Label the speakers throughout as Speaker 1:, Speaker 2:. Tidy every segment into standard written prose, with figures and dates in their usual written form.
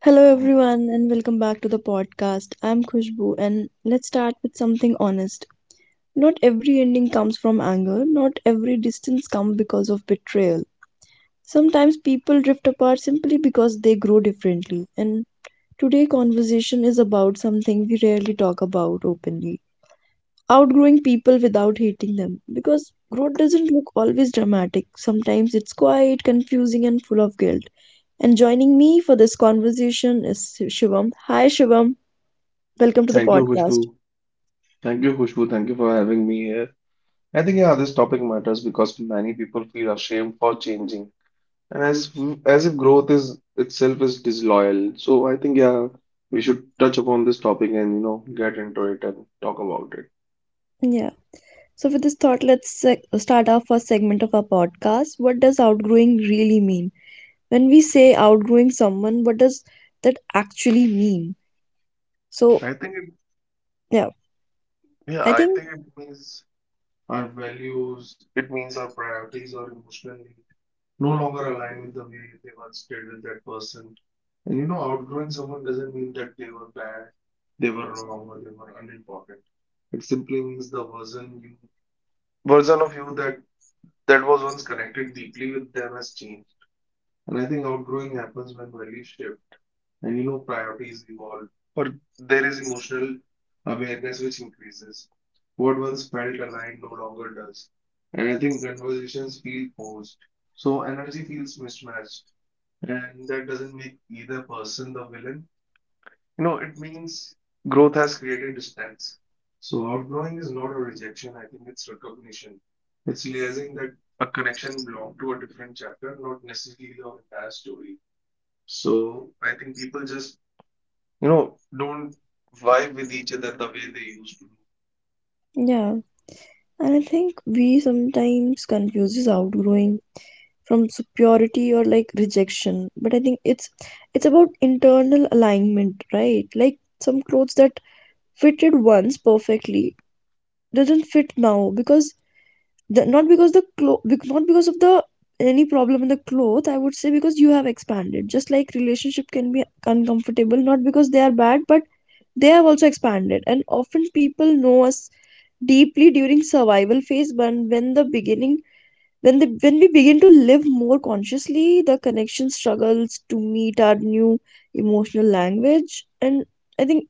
Speaker 1: Hello,
Speaker 2: Oh,
Speaker 1: everyone, and welcome back to the podcast. I'm Khushbu, and let's start with something honest. Not every ending comes from anger, not every distance comes because of betrayal. Sometimes people drift apart simply because they grow differently, and today conversation is about something we rarely talk about openly, outgrowing people without hating them, because growth doesn't look always dramatic. Sometimes it's quiet, confusing, and full of guilt. And joining me for this conversation is Shivam. Hi Shivam, welcome to the
Speaker 2: thank you,
Speaker 1: podcast.
Speaker 2: Khushbu. Thank you, Khushbu. Thank you for having me here. I think yeah, this topic matters because many people feel ashamed for changing, and as if growth is itself is disloyal. So I think yeah, we should touch upon this topic and get into it and talk about it.
Speaker 1: Yeah, so with this thought, start our first segment of our podcast. What does outgrowing really mean? When we say outgrowing someone, what does that actually mean? So
Speaker 2: I think it
Speaker 1: yeah,
Speaker 2: yeah,
Speaker 1: I
Speaker 2: I
Speaker 1: think
Speaker 2: think it means our values, it means our priorities, our emotional needs no longer align with the way they once did with that person. And you know, outgrowing someone doesn't mean that they were bad, they were wrong, or they were unimportant. It simply means the version of you that was once connected deeply with them has changed. And I think outgrowing happens when values shift and priorities evolve, or there is emotional awareness which increases. What once felt aligned no longer does. And I think conversations feel forced. So energy feels mismatched. And that doesn't make either person the villain. You know, it means growth has created distance. So outgrowing is not a rejection, I think it's recognition. It's realizing that a connection belonged to a different chapter, not necessarily the entire story. So I think people just, don't vibe with each other the way they used to.
Speaker 1: yeah, and I think we sometimes confuses outgrowing from superiority or like rejection, but I think it's about internal alignment, right? Like, some clothes that fitted once perfectly doesn't fit now because the, not because the clo- bec- not because of the any problem in the cloth, I would say, because you have expanded. Just like relationship can be uncomfortable, not because they are bad, but they have also expanded. And often people know us deeply during survival phase, when the beginning, when we begin to live more consciously, the connection struggles to meet our new emotional language. and i think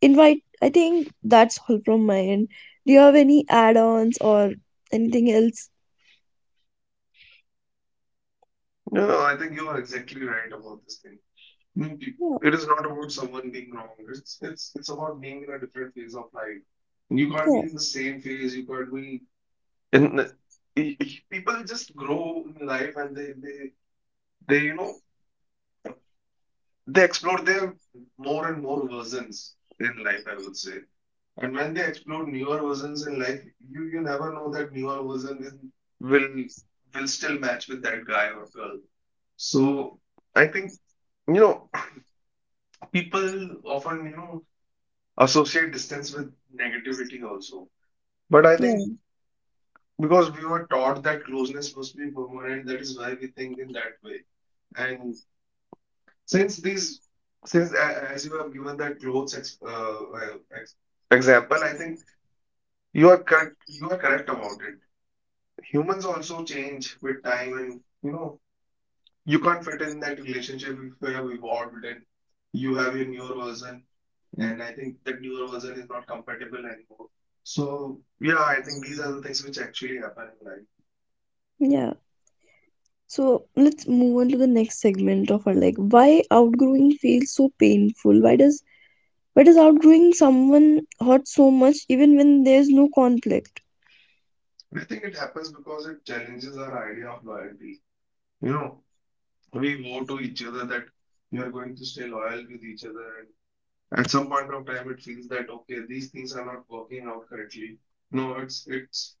Speaker 1: invite i think that's all from my end. Do you have any add-ons or anything else?
Speaker 2: No, I think you are exactly right about this thing. Mm,
Speaker 1: Yeah,
Speaker 2: It is not about someone being wrong. It's about being in a different phase of life. You can't be
Speaker 1: yeah,
Speaker 2: in the same phase. You can't be in the— people just grow in life, and they they explore their more and more versions in life, I would say. And when they explore newer versions in life, you never know that newer version is, will will still match with that guy or girl. So I think you know people often associate distance with negativity also. But I think
Speaker 1: yeah.
Speaker 2: because we were taught that closeness must be permanent, that is why we think in that way. And since these, since a- as you have given that clothes example, I think you are correct. You are correct about it. Humans also change with time, and you know you can't fit in that relationship if you have evolved and you have your newer version. And I think the newer version is not compatible anymore. So yeah, I think these are the things which actually happen in life.
Speaker 1: Yeah, so let's move on to the next segment of our like why outgrowing feels so painful. Why does outgrowing someone hurt so much even when there's no conflict?
Speaker 2: I think it happens because it challenges our idea of loyalty. You know, we vow to each other that we are going to stay loyal with each other, and at some point of time, it feels that okay, these things are not working out correctly. No, it's it's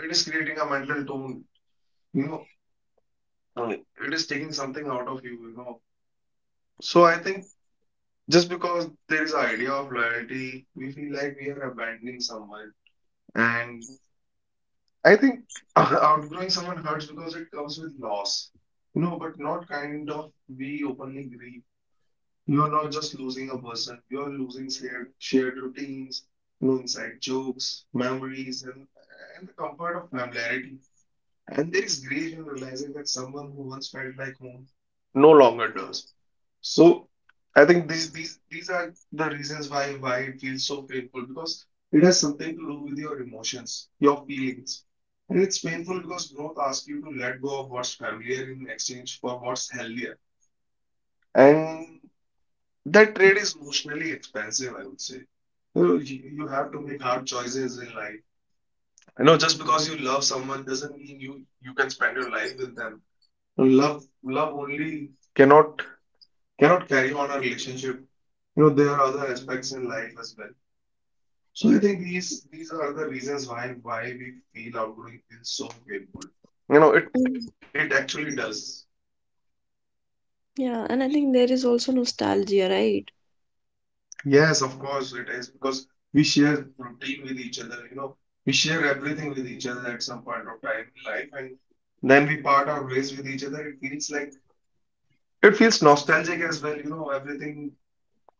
Speaker 2: it is creating a mental tone. You know, Uh, it is taking something out of you. You know, so I think. Just because there is an idea of loyalty, we feel like we are abandoning someone. And I think outgrowing someone hurts because it comes with loss. You know, but not kind of we openly grieve. You're not just losing a person, you're losing shared routines, you know, inside jokes, memories, and the comfort of familiarity. And there is grief in realizing that someone who once felt like home no longer does. So I think these are the reasons why it feels so painful, because it has something to do with your emotions, your feelings. And it's painful because growth asks you to let go of what's familiar in exchange for what's healthier. And that trade is emotionally expensive, I would say. You know, you have to make hard choices in life. I know just because you love someone doesn't mean you can spend your life with them. So, love only cannot carry on a relationship. You know, there are other aspects in life as well. So I think these are the reasons why we feel outgrowing is so painful. You know, it
Speaker 1: Mm.
Speaker 2: actually does.
Speaker 1: Yeah, and I think there is also nostalgia, right?
Speaker 2: Yes, of course it is, because we share routine with each other. You know, we share everything with each other at some point of time in life, and then we part our ways with each other. It feels like it feels nostalgic as well. You know, everything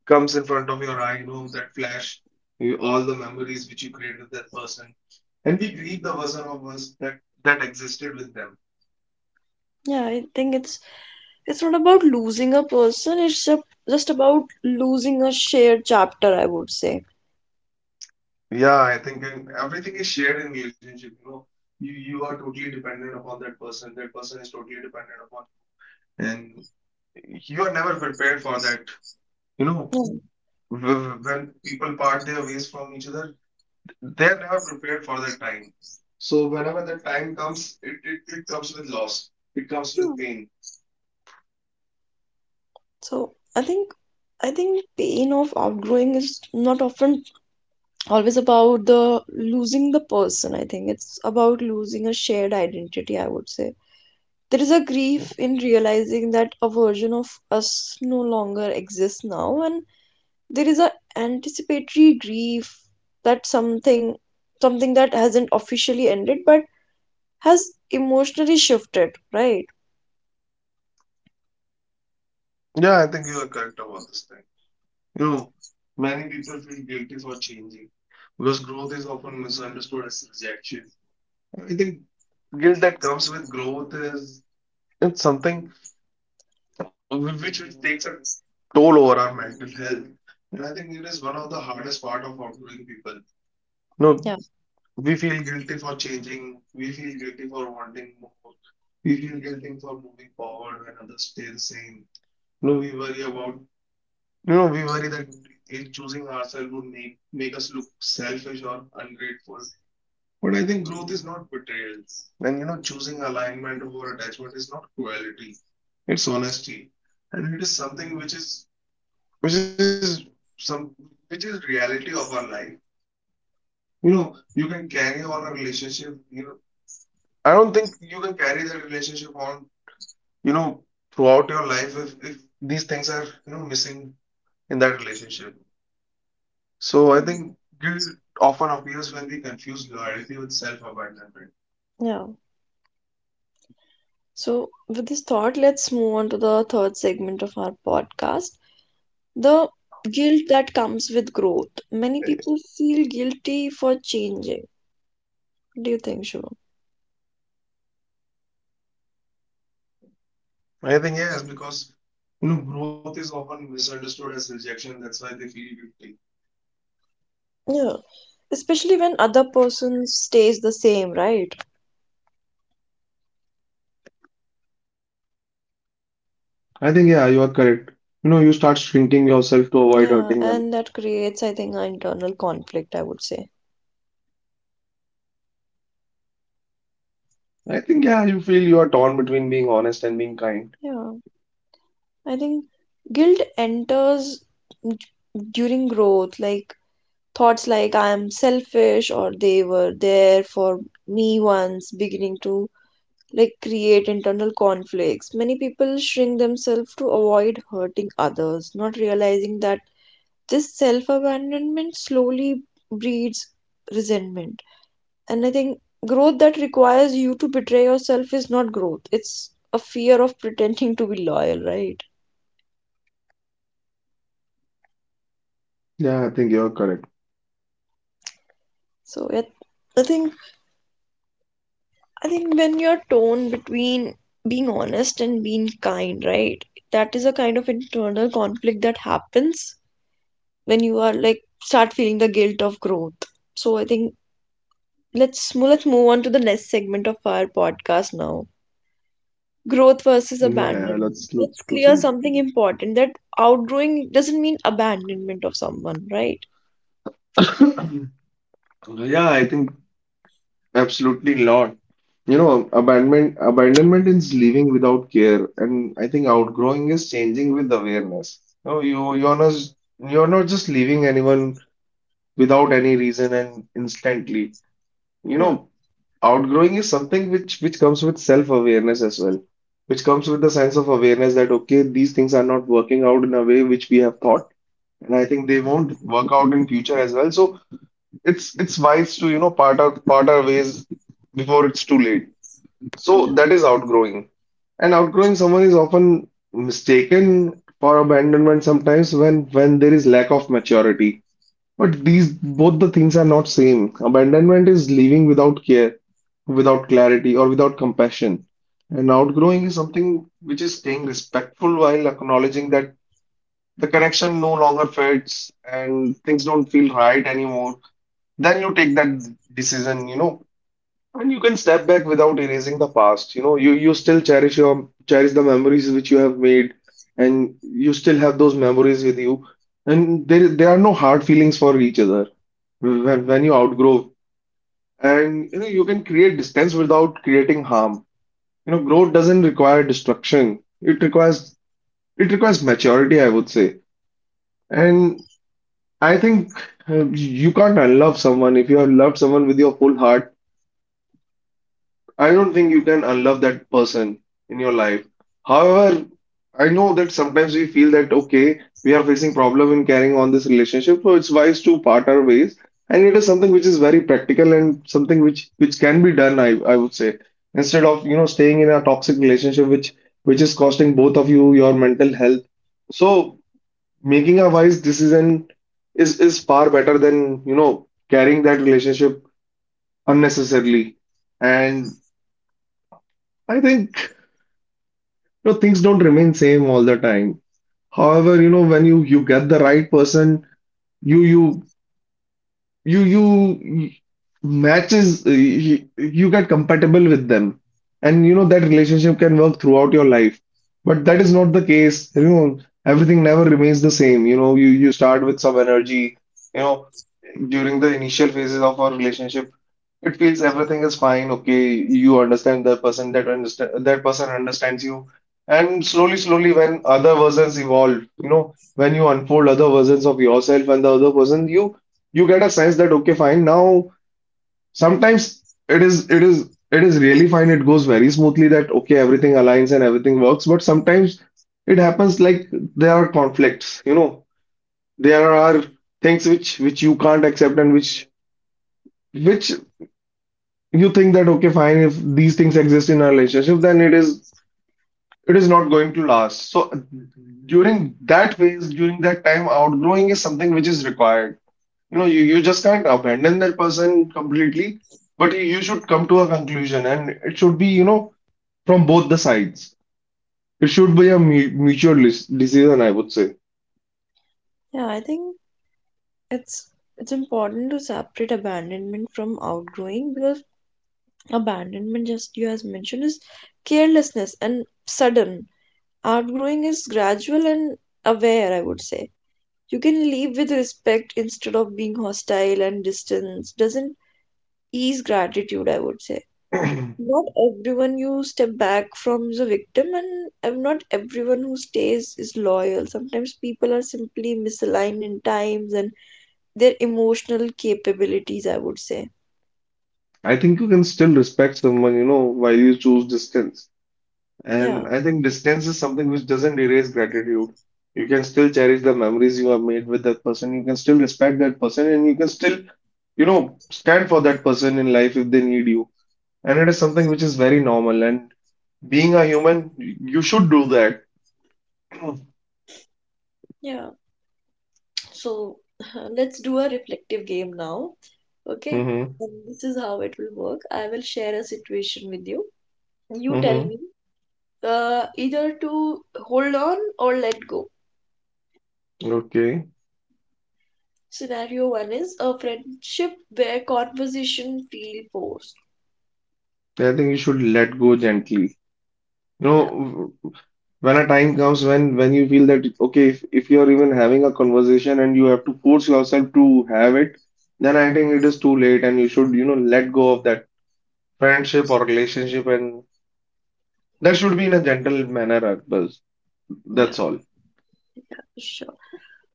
Speaker 2: comes in front of your eye, you know, that flash, all the memories which you create with that person. And we grieve the version of us that existed with them.
Speaker 1: Yeah, I think it's not about losing a person, just about losing a shared chapter, I would say.
Speaker 2: Yeah, I think and everything is shared in relationship, you know. You are totally dependent upon that person. That person is totally dependent upon you. And you are never prepared for that. You know,
Speaker 1: Yeah.
Speaker 2: when people part their ways from each other, they are never prepared for that time. So whenever that time comes, it comes with loss. It comes
Speaker 1: Yeah.
Speaker 2: with pain.
Speaker 1: So I think pain of outgrowing is not often always about the losing the person. I think it's about losing a shared identity, I would say. There is a grief in realizing that a version of us no longer exists now, and there is a anticipatory grief that something that hasn't officially ended but has emotionally shifted, right?
Speaker 2: Yeah, I think you are correct about this thing. You know, many people feel guilty for changing because growth is often misunderstood as rejection. I think guilt that comes with growth is it's something which it takes a toll over our mental health. And I think it is one of the hardest part of outgrowing people.
Speaker 1: Yeah.
Speaker 2: No, we feel guilty for changing. We feel guilty for wanting more. We feel guilty for moving forward when others stay the same. No, we worry about You know, we worry that choosing ourselves would make us look selfish or ungrateful. But I think growth is not betrayal. And you know, choosing alignment over attachment is not cruelty. It's honesty. And it is something which is some which is reality of our life. You know, you can carry on a relationship, you know. I don't think you can carry that relationship on, you know, throughout your life if these things are, missing in that relationship. So I think guilt often appears when we confuse loyalty with self-abandonment.
Speaker 1: Yeah, so with this thought, let's move on to the third segment of our podcast, the guilt that comes with growth. Many people
Speaker 2: I
Speaker 1: feel guilty for changing. What do you think, Shivam?
Speaker 2: I think yes, because you know growth is often misunderstood as rejection. That's why they feel guilty.
Speaker 1: Yeah, especially when other person stays the same, right?
Speaker 2: I think yeah, you are correct. You know, you start shrinking yourself to avoid hurting them.
Speaker 1: Yeah, and that creates, I think, an internal conflict, I would say.
Speaker 2: I think yeah, you feel you are torn between being honest and being kind.
Speaker 1: Yeah, I think guilt enters d- during growth, like thoughts like I am selfish or they were there for me once, beginning to like create internal conflicts. Many people shrink themselves to avoid hurting others, not realizing that this self abandonment slowly breeds resentment. And I think growth that requires you to betray yourself is not growth, it's a fear of pretending to be loyal, right?
Speaker 2: Yeah, I think you are correct.
Speaker 1: So yeah, I think I think when you're torn between being honest and being kind, right? That is a kind of internal conflict that happens when you are like start feeling the guilt of growth. So I think let's move on to the next segment of our podcast now. Growth versus
Speaker 2: Yeah, yeah,
Speaker 1: abandonment.
Speaker 2: let's
Speaker 1: Let's
Speaker 2: let's
Speaker 1: clear
Speaker 2: proceed.
Speaker 1: something important, that outgrowing doesn't mean abandonment of someone, right?
Speaker 2: Yeah, I think. Absolutely not. You know, abandonment is leaving without care, and I think outgrowing is changing with awareness. No, you're not just leaving anyone without any reason and instantly. You
Speaker 1: Yeah.
Speaker 2: know, outgrowing is something which comes with self-awareness as well, which comes with the sense of awareness that okay, these things are not working out in a way which we have thought, and I think they won't work out in future as well. So it's wise to, part our ways before it's too late. So
Speaker 1: Yeah.
Speaker 2: that is outgrowing. And outgrowing someone is often mistaken for abandonment sometimes when there is lack of maturity. But these both the things are not same. Abandonment is leaving without care, without clarity, or without compassion. And outgrowing is something which is staying respectful while acknowledging that the connection no longer fits and things don't feel right anymore. Then you take that decision, you know, and you can step back without erasing the past. You know, you still cherish the memories which you have made, and you still have those memories with you. And there are no hard feelings for each other when you outgrow. And you know, you can create distance without creating harm. You know, growth doesn't require destruction. It requires maturity, I would say. And I think you can't unlove someone if you have loved someone with your full heart. I don't think you can unlove that person in your life. However, I know that sometimes we feel that okay, we are facing problem in carrying on this relationship, so it's wise to part our ways. And it is something which is very practical and something which can be done, I would say, instead of you know staying in a toxic relationship which is costing both of you your mental health. So making a wise decision is far better than you know carrying that relationship unnecessarily. And I think. Things don't remain same all the time. However, when you get the right person, you you you matches, you get compatible with them, and that relationship can work throughout your life. But that is not the case. Everything never remains the same. You start with some energy, you know during the initial phases of our relationship. It feels everything is fine. Okay, you understand the person, that understand that person understands you. And slowly slowly, when other versions evolve, when you unfold other versions of yourself and the other person, you get a sense that okay, fine, now sometimes it is really fine. It goes very smoothly, that okay, everything aligns and everything works, but sometimes it happens like there are conflicts. There are things which you can't accept and which you think that okay fine, if these things exist in a relationship, then it is not going to last. So during that phase, during that time, outgrowing is something which is required. You just can't abandon that person completely, but you should come to a conclusion, and it should be from both the sides. It should be a mu mutual decision, I would say.
Speaker 1: Yeah, I think it's it's important to separate abandonment from outgrowing, because abandonment, just you as mentioned, is carelessness and sudden. Outgrowing is gradual and aware, I would say. You can leave with respect instead of being hostile, and distance doesn't ease gratitude, I would say.
Speaker 2: I
Speaker 1: Not everyone you step back from is a victim, and not everyone who stays is loyal. Sometimes people are simply misaligned in times and their emotional capabilities, I would say.
Speaker 2: think you can still respect someone, while you choose distance.
Speaker 1: Yeah.
Speaker 2: And I think distance is something which doesn't erase gratitude. You can still cherish the memories you have made with that person. You can still respect that person, and you can still, stand for that person in life if they need you. And it is something which is very normal. And being a human, you should do that.
Speaker 1: Yeah, so let's do a reflective game now. Okay.
Speaker 2: Mm-hmm.
Speaker 1: And this is how it will work. I will share a situation with you. You tell
Speaker 2: Mm-hmm.
Speaker 1: me either to hold on or let go.
Speaker 2: Okay.
Speaker 1: Scenario one is a friendship where conversation feel forced.
Speaker 2: I think you should let go gently. You
Speaker 1: Yeah,
Speaker 2: know, when a time comes when you feel that okay, if, you're even having a conversation and you have to force yourself to have it, then I think it is too late, and you should, let go of that friendship or relationship, and that should be in a gentle manner, Akbar. That's
Speaker 1: yeah,
Speaker 2: all.
Speaker 1: yeah, sure.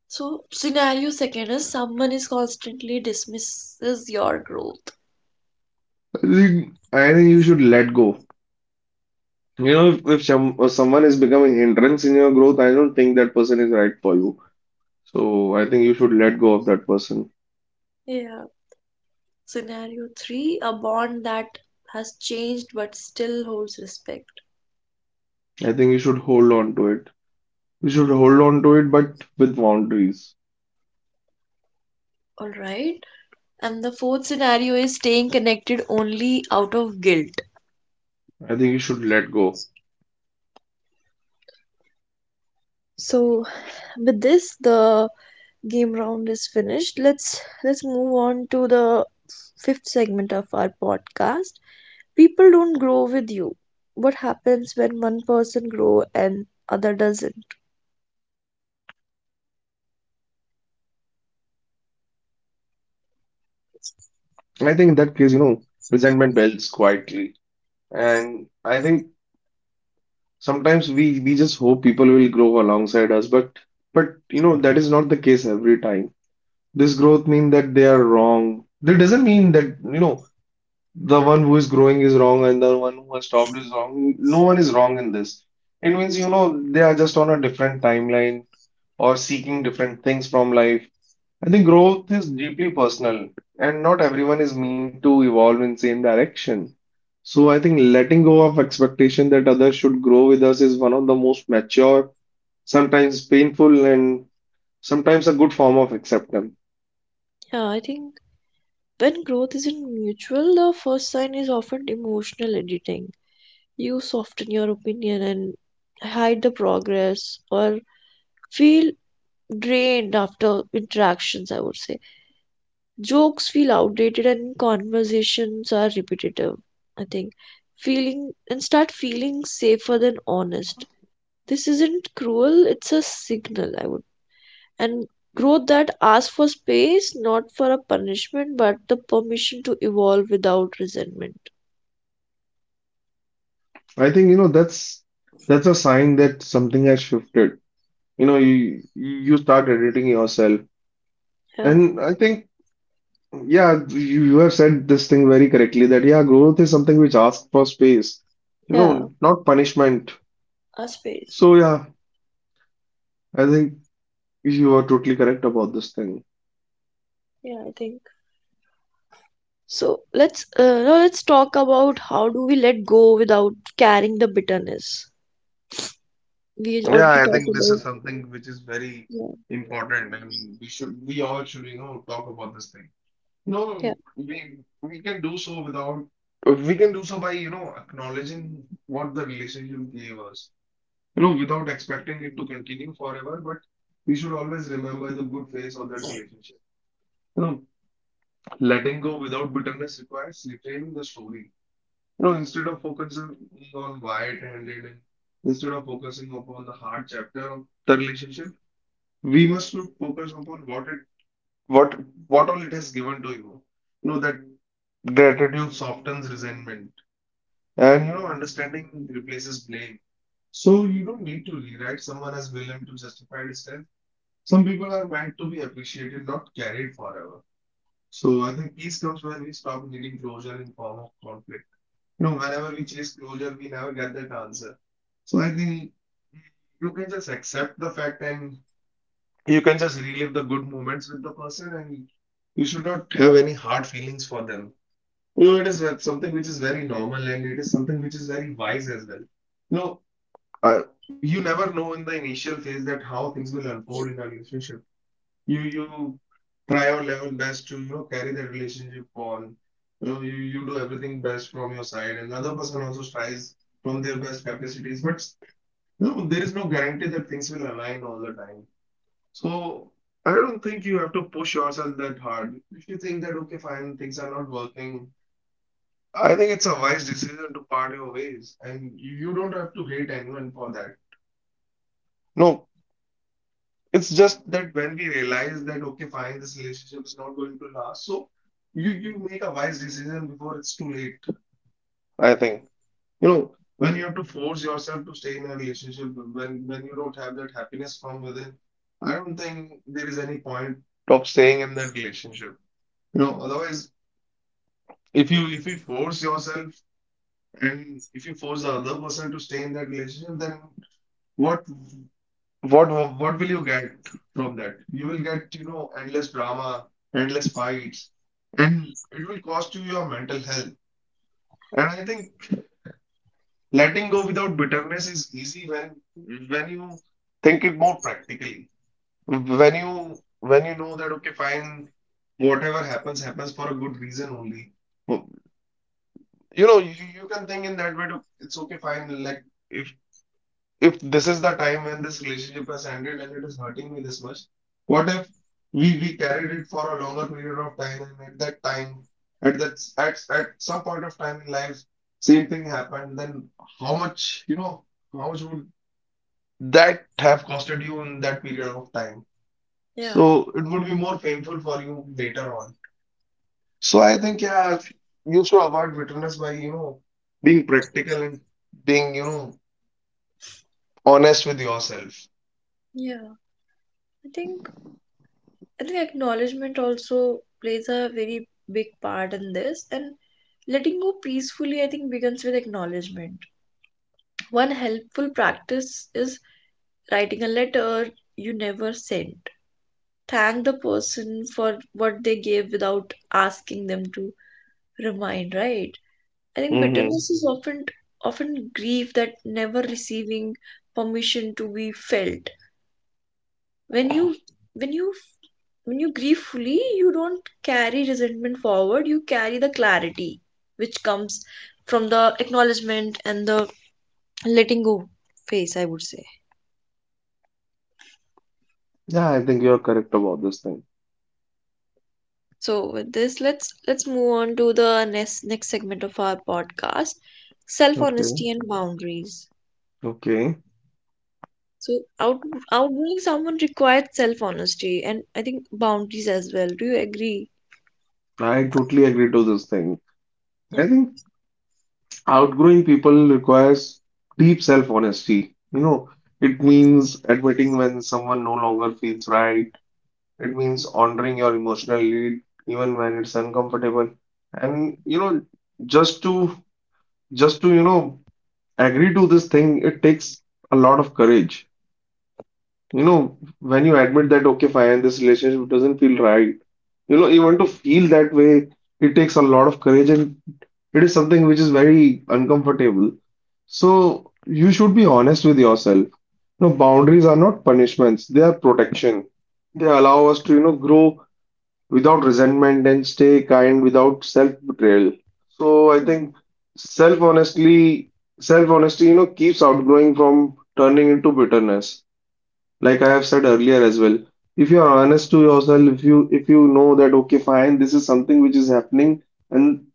Speaker 1: So scenario second is someone is constantly dismisses your growth.
Speaker 2: I think you should let go. If someone is becoming hindrance in your growth, I don't think that person is right for you. So I think you should let go of that person.
Speaker 1: Yeah. Scenario three, a bond that has changed but still holds respect.
Speaker 2: I think you should hold on to it. You should
Speaker 1: Yeah.
Speaker 2: hold on to it, but with boundaries.
Speaker 1: All right. And the fourth scenario is staying connected only out of guilt.
Speaker 2: I think you should let go.
Speaker 1: So with this, the game round is finished. Let's move on to the fifth segment of our podcast. People don't grow with you. What happens when one person grow and other doesn't?
Speaker 2: And I think in that case, resentment builds quietly. And I think sometimes we just hope people will grow alongside us, but that is not the case every time. This growth means that they are wrong. That doesn't mean that, the one who is growing is wrong and the one who has stopped is wrong. No one is wrong in this. It means, they are just on a different timeline or seeking different things from life. I think growth is deeply personal, and not everyone is meant to evolve in same direction. So I think letting go of expectation that others should grow with us is one of the most mature, sometimes painful, and sometimes a good form of acceptance.
Speaker 1: Yeah, I think when growth isn't mutual, the first sign is often emotional editing. You soften your opinion and hide the progress or feel drained after interactions, I would say. Jokes feel outdated and conversations are repetitive, I think. Feeling and start feeling safer than honest. This isn't cruel, it's a signal, I would. And growth that asks for space, not for a punishment, but the permission to evolve without resentment.
Speaker 2: I think, that's a sign that something has shifted. You start editing yourself,
Speaker 1: Yeah,
Speaker 2: and I think, yeah, you have said this thing very correctly, that yeah, growth is something which asks for space, you
Speaker 1: yeah,
Speaker 2: know not punishment.
Speaker 1: a space.
Speaker 2: So yeah, I think you are totally correct about this thing.
Speaker 1: Yeah, I think. So let's now let's talk about how do we let go without carrying the bitterness. We
Speaker 2: Yeah,
Speaker 1: already
Speaker 2: I
Speaker 1: talked
Speaker 2: think this
Speaker 1: about.
Speaker 2: is something which is very
Speaker 1: Yeah,
Speaker 2: important, and we all should talk about this thing. No,
Speaker 1: yeah.
Speaker 2: we we can do so without we can do so by acknowledging what the relationship gave us, Without expecting it to continue forever, but we should always remember the good phase of that relationship. You know, letting go without bitterness requires retaining the story. Instead of focusing on why it ended, and instead of focusing upon the hard chapter of the relationship, we must should focus upon what what all it has given to you. That gratitude softens resentment, and understanding replaces blame. So you don't need to rewrite someone as villain to justify distance. Some people are meant to be appreciated, not carried forever. So I think peace comes when we stop needing closure in form of conflict. Whenever we chase closure, we never get that answer. So I think you can just accept the fact and you can just relive the good moments with the person, and you should not have any hard feelings for them. It is something which is very normal, and it is something which is very wise as well. You know, you never know in the initial phase that how things will unfold in a relationship. You try your level best to carry that relationship on. You do everything best from your side, and the other person also tries from their best capacities, but there is no guarantee that things will align all the time. So I don't think you have to push yourself that hard if you think that okay fine, things are not working. I think it's a wise decision to part your ways, and you don't have to hate anyone for that. No, it's just that when we realize that okay, fine, this relationship is not going to last, so you make a wise decision before it's too late, I think. When you have to force yourself to stay in a relationship, when you don't have that happiness from within, I don't think there is any point of staying in that relationship. Otherwise, if you force yourself, and if you force the other person to stay in that relationship, then what What what will you get from that? You will get, endless drama, endless fights, and it will cost you your mental health. And I think letting go without bitterness is easy when you think it more practically. When you know that okay, fine, whatever happens happens for a good reason only. You can think in that way. To, it's okay, fine. Like if this is the time when this relationship has ended and it is hurting me this much, what if we carried it for a longer period of time, and at that time, at some point of time in life, same thing happened, then how much, how much would that have costed you in that period of time?
Speaker 1: Yeah,
Speaker 2: So it would be more painful for you later on. So I think, yeah, you should avoid bitterness by, being practical and being, honest with yourself.
Speaker 1: yeah. I think I think acknowledgement also plays a very big part in this, and letting go peacefully, I think, begins with acknowledgement. One helpful practice is writing a letter you never sent. Thank the person for what they gave without asking them to remind, right? I think
Speaker 2: Mm-hmm.
Speaker 1: bitterness is often grief that never receiving permission to be felt. When you when you when you grieve fully, you don't carry resentment forward. You carry the clarity which comes from the acknowledgement and the letting go phase, I would say.
Speaker 2: Yeah, I think you're correct about this thing.
Speaker 1: So with this, let's move on to the next segment of our podcast, self
Speaker 2: Okay.
Speaker 1: honesty and boundaries.
Speaker 2: Okay.
Speaker 1: So outgoing someone requires self honesty and I think boundaries as well. Do you agree?
Speaker 2: I totally agree to this thing.
Speaker 1: Yeah,
Speaker 2: I think outgrowing people requires deep self-honesty. It means admitting when someone no longer feels right. It means honoring your emotional need, even when it's uncomfortable. And you know, just to just to, you know, agree to this thing, it takes a lot of courage. When you admit that, okay, fine, this relationship doesn't feel right. Even to feel that way, it takes a lot of courage, and it is something which is very uncomfortable. So you should be honest with yourself. Boundaries are not punishments, they are protection. They allow us to grow without resentment and stay kind without self-betrayal. So I think self-honestly, self-honesty, keeps outgrowing from turning into bitterness. Like I have said earlier as well, if you are honest to yourself, if you know that okay, fine, this is something which is happening, and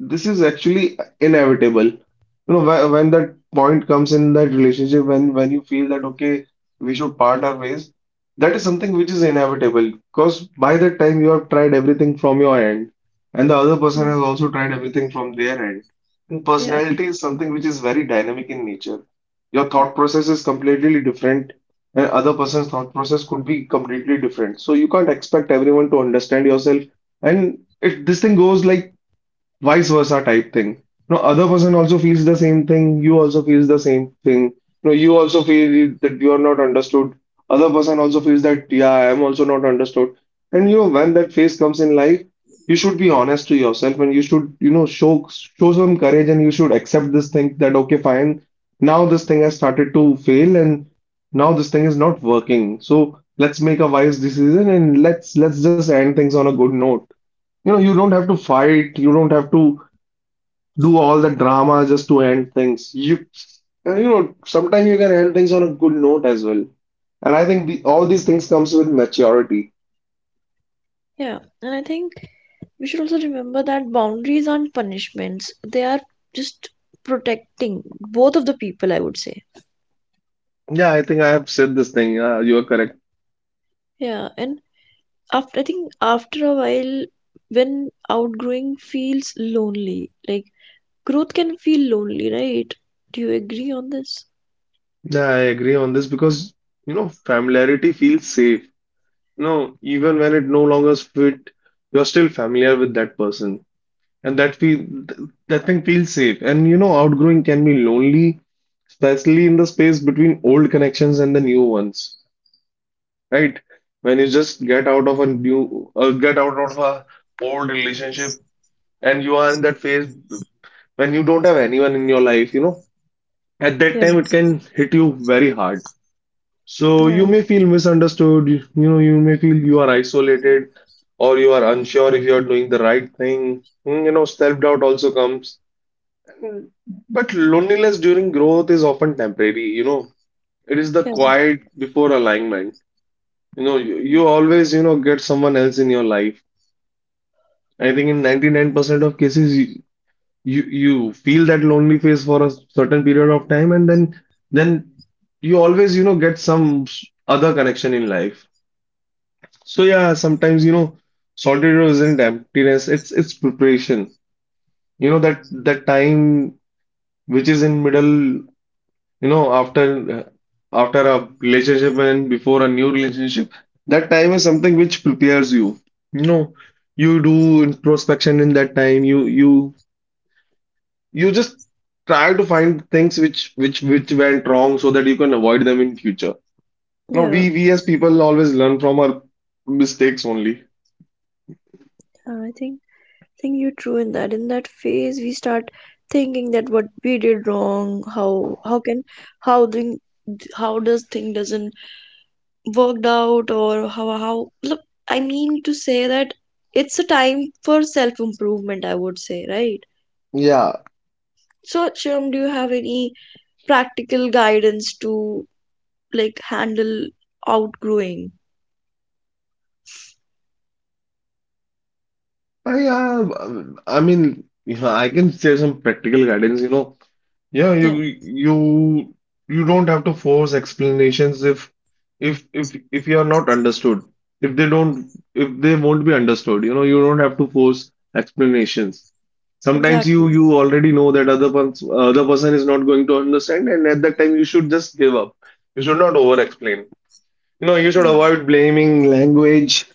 Speaker 2: this is actually inevitable. When that point comes in that relationship, when you feel that okay, we should part our ways, that is something which is inevitable. Because by that time you have tried everything from your end, and the other person
Speaker 1: yeah.
Speaker 2: has also tried everything from their end. And
Speaker 1: Yeah.
Speaker 2: personality is something which is very dynamic in nature. Your thought process is completely different, and other person's thought process could be completely different. So you can't expect everyone to understand yourself. And it this thing goes like vice versa type thing. No, other person also feels the same thing. You also feels the same thing. No, you also feel that you are not understood. Other person also feels that yeah, I am also not understood. And when that phase comes in life, you should be honest to yourself, and you should show some courage, and you should accept this thing that okay, fine. Now this thing has started to fail, and now this thing is not working. So let's make a wise decision, and let's just end things on a good note. You don't have to fight, you don't have to do all the drama just to end things. You, sometimes you can end things on a good note as well. And I think all these things comes with maturity.
Speaker 1: Yeah, and I think we should also remember that boundaries aren't punishments, they are just protecting both of the people, I would say.
Speaker 2: Yeah, I think I have said this thing. You are correct.
Speaker 1: Yeah, and after, I think after a while, when outgrowing feels lonely, like growth can feel lonely, right? Do you agree on this?
Speaker 2: Yeah, I agree on this because you know familiarity feels safe. You know, even when it no longer fit, you are still familiar with that person, and that thing feels safe. And you know, outgrowing can be lonely, especially in the space between old connections and the new ones, right? When you just get out of a old relationship, and you are in that phase when you don't have anyone in your life, you know, at
Speaker 1: Yeah,
Speaker 2: that time it can hit you very hard. So
Speaker 1: yeah,
Speaker 2: you may feel misunderstood, you know, you may feel you are isolated, or you are unsure if you are doing the right thing. You know, self-doubt also comes. But loneliness during growth is often temporary, you know. It is the
Speaker 1: yeah,
Speaker 2: quiet before alignment. You know,
Speaker 1: mm,
Speaker 2: you always, you know, get someone else in your life. I think in 99% of cases, you feel that lonely phase for a certain period of time, and then you always, you know, get some other connection in life. So yeah, sometimes, you know, solitude isn't emptiness, it's preparation. You know, that time which is in middle. You know, after uh, after a relationship and before a new relationship, that time is something which prepares you. You know, you do introspection in that time. You just try to find things which went wrong so that you can avoid them in future. No,
Speaker 1: yeah.
Speaker 2: we as people always learn from our mistakes only.
Speaker 1: I think you're true in that. In that phase, we start thinking that what we did wrong, how can how thing how does thing doesn't worked out or how look, I mean to say that it's a time for self improvement. I would say, right? So, Shyam, do you have any practical guidance to like handle outgrowing?
Speaker 2: Yeah, I mean, you know, I can share some practical guidance. You know, yeah,
Speaker 1: Yeah,
Speaker 2: you don't have to force explanations if you are not understood. If they don't, if they won't be understood, you know, you don't have to force explanations. Sometimes
Speaker 1: exactly.
Speaker 2: you already know that other person is not going to understand, and at that time you should just give up. You should not over explain. You know, you should
Speaker 1: Mm,
Speaker 2: avoid blaming language,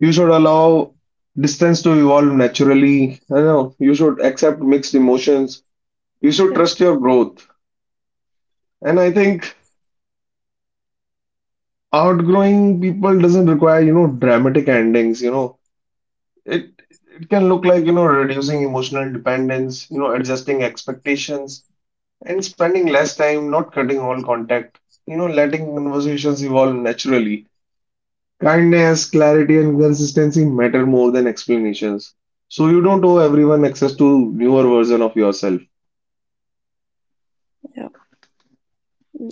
Speaker 2: you should allow distance to evolve naturally. You know, you should accept mixed emotions. You should
Speaker 1: yeah,
Speaker 2: trust your growth. And I think outgrowing people doesn't require, you know, dramatic endings, you know. It it can look like, you know, reducing emotional dependence, you know, adjusting expectations and spending less time, not cutting all contact, you know, letting conversations evolve naturally. Kindness, clarity, and consistency matter more than explanations. So you don't owe everyone access to newer version of yourself.
Speaker 1: yeah,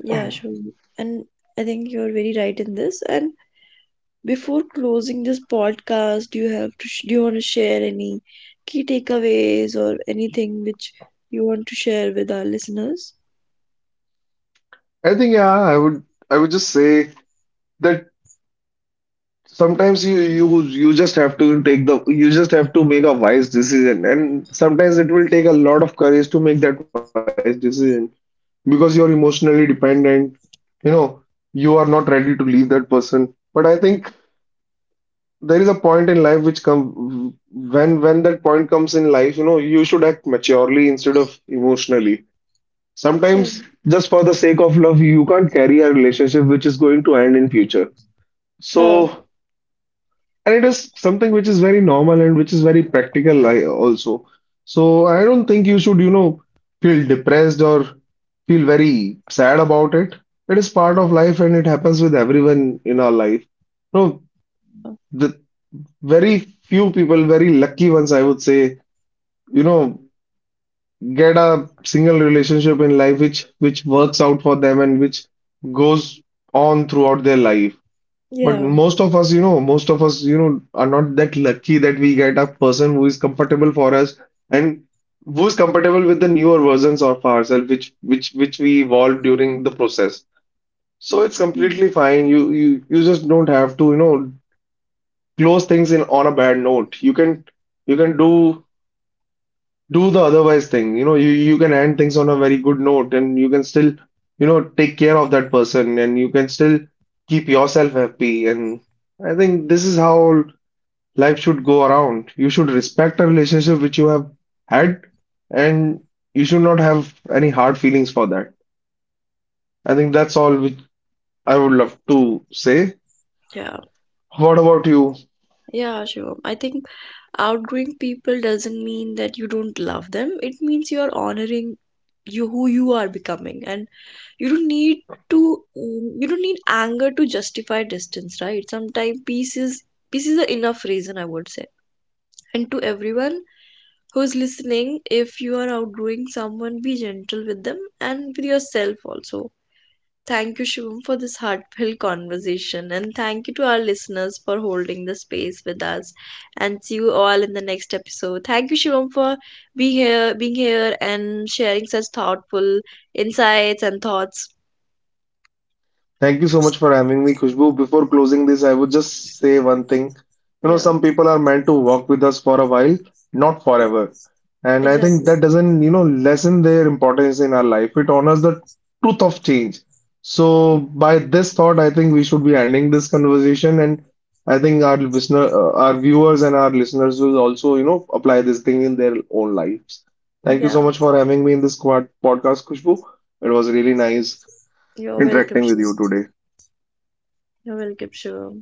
Speaker 1: yeah,
Speaker 2: I
Speaker 1: sure. And I think you're very right in this. And before closing this podcast, do you have to do you want to share any key takeaways or anything which you want to share with our listeners?
Speaker 2: think yeah, I would, I would just say that sometimes you just have to take the you just have to make a wise decision, and sometimes it will take a lot of courage to make that wise decision because you're emotionally dependent, you know, you are not ready to leave that person. But I think there is a point in life which come, when that point comes in life, you know, you should act maturely instead of emotionally
Speaker 1: Yeah.
Speaker 2: sometimes. Just for the sake of love you can't carry a relationship which is going to end in future. So,
Speaker 1: Uh,
Speaker 2: and it is something which is very normal and which is very also. So I don't think you should, you know, feel depressed or feel very sad about it. It is part of life and it happens with everyone in our life. No the Very few people, very lucky ones, I would say, you know, get a single relationship in life which works out for them and which goes on throughout their life. But
Speaker 1: yeah.
Speaker 2: most of us, you know, most of us, you know, are not that lucky that we get a person who is comfortable for us and who is compatible with the newer versions of ourselves, which we evolved during the process. So it's
Speaker 1: Mm.
Speaker 2: completely fine. You just don't have to, you know, close things in on a bad note. You can, you can do the otherwise thing. You know, you can end things on a very good note, and you can still, you know, take care of that person, and you can still keep yourself happy. And I think this is how life should go around. You should respect a relationship which you have had, and you should not have any hard feelings for that. I think that's all which I would love to say.
Speaker 1: Yeah,
Speaker 2: What about you?
Speaker 1: yeah, sure. I think outgrowing people doesn't mean that you don't love them. It means you're honoring you who you are becoming, and you don't need to you don't need anger to justify distance, right? Sometimes peace is the enough reason, I would say. And to everyone who's listening, if you are outgrowing someone, be gentle with them and with yourself also. Thank you, Shivam, for this heartfelt conversation, and thank you to our listeners for holding the space with us. And see you all in the next episode. Thank you, Shivam, for being here, and sharing such thoughtful insights and thoughts.
Speaker 2: Thank you so much for having me, Khushbu. Before closing this, I would just say one thing. You know,
Speaker 1: Yeah,
Speaker 2: some people are meant to walk with us for a while, not forever. And I think
Speaker 1: exactly.
Speaker 2: that doesn't, you know, lessen their importance in our life. It honors the truth of change. So, by this thought, I think we should be ending this conversation. And I think our listener, our viewers and our listeners will also, you know, apply this thing in their own lives. Thank you
Speaker 1: Yeah,
Speaker 2: so much for having me in this quad podcast, Khushbu. It was really nice
Speaker 1: you're welcome,
Speaker 2: interacting with you
Speaker 1: Shivam.
Speaker 2: today.
Speaker 1: You're welcome, Shivam.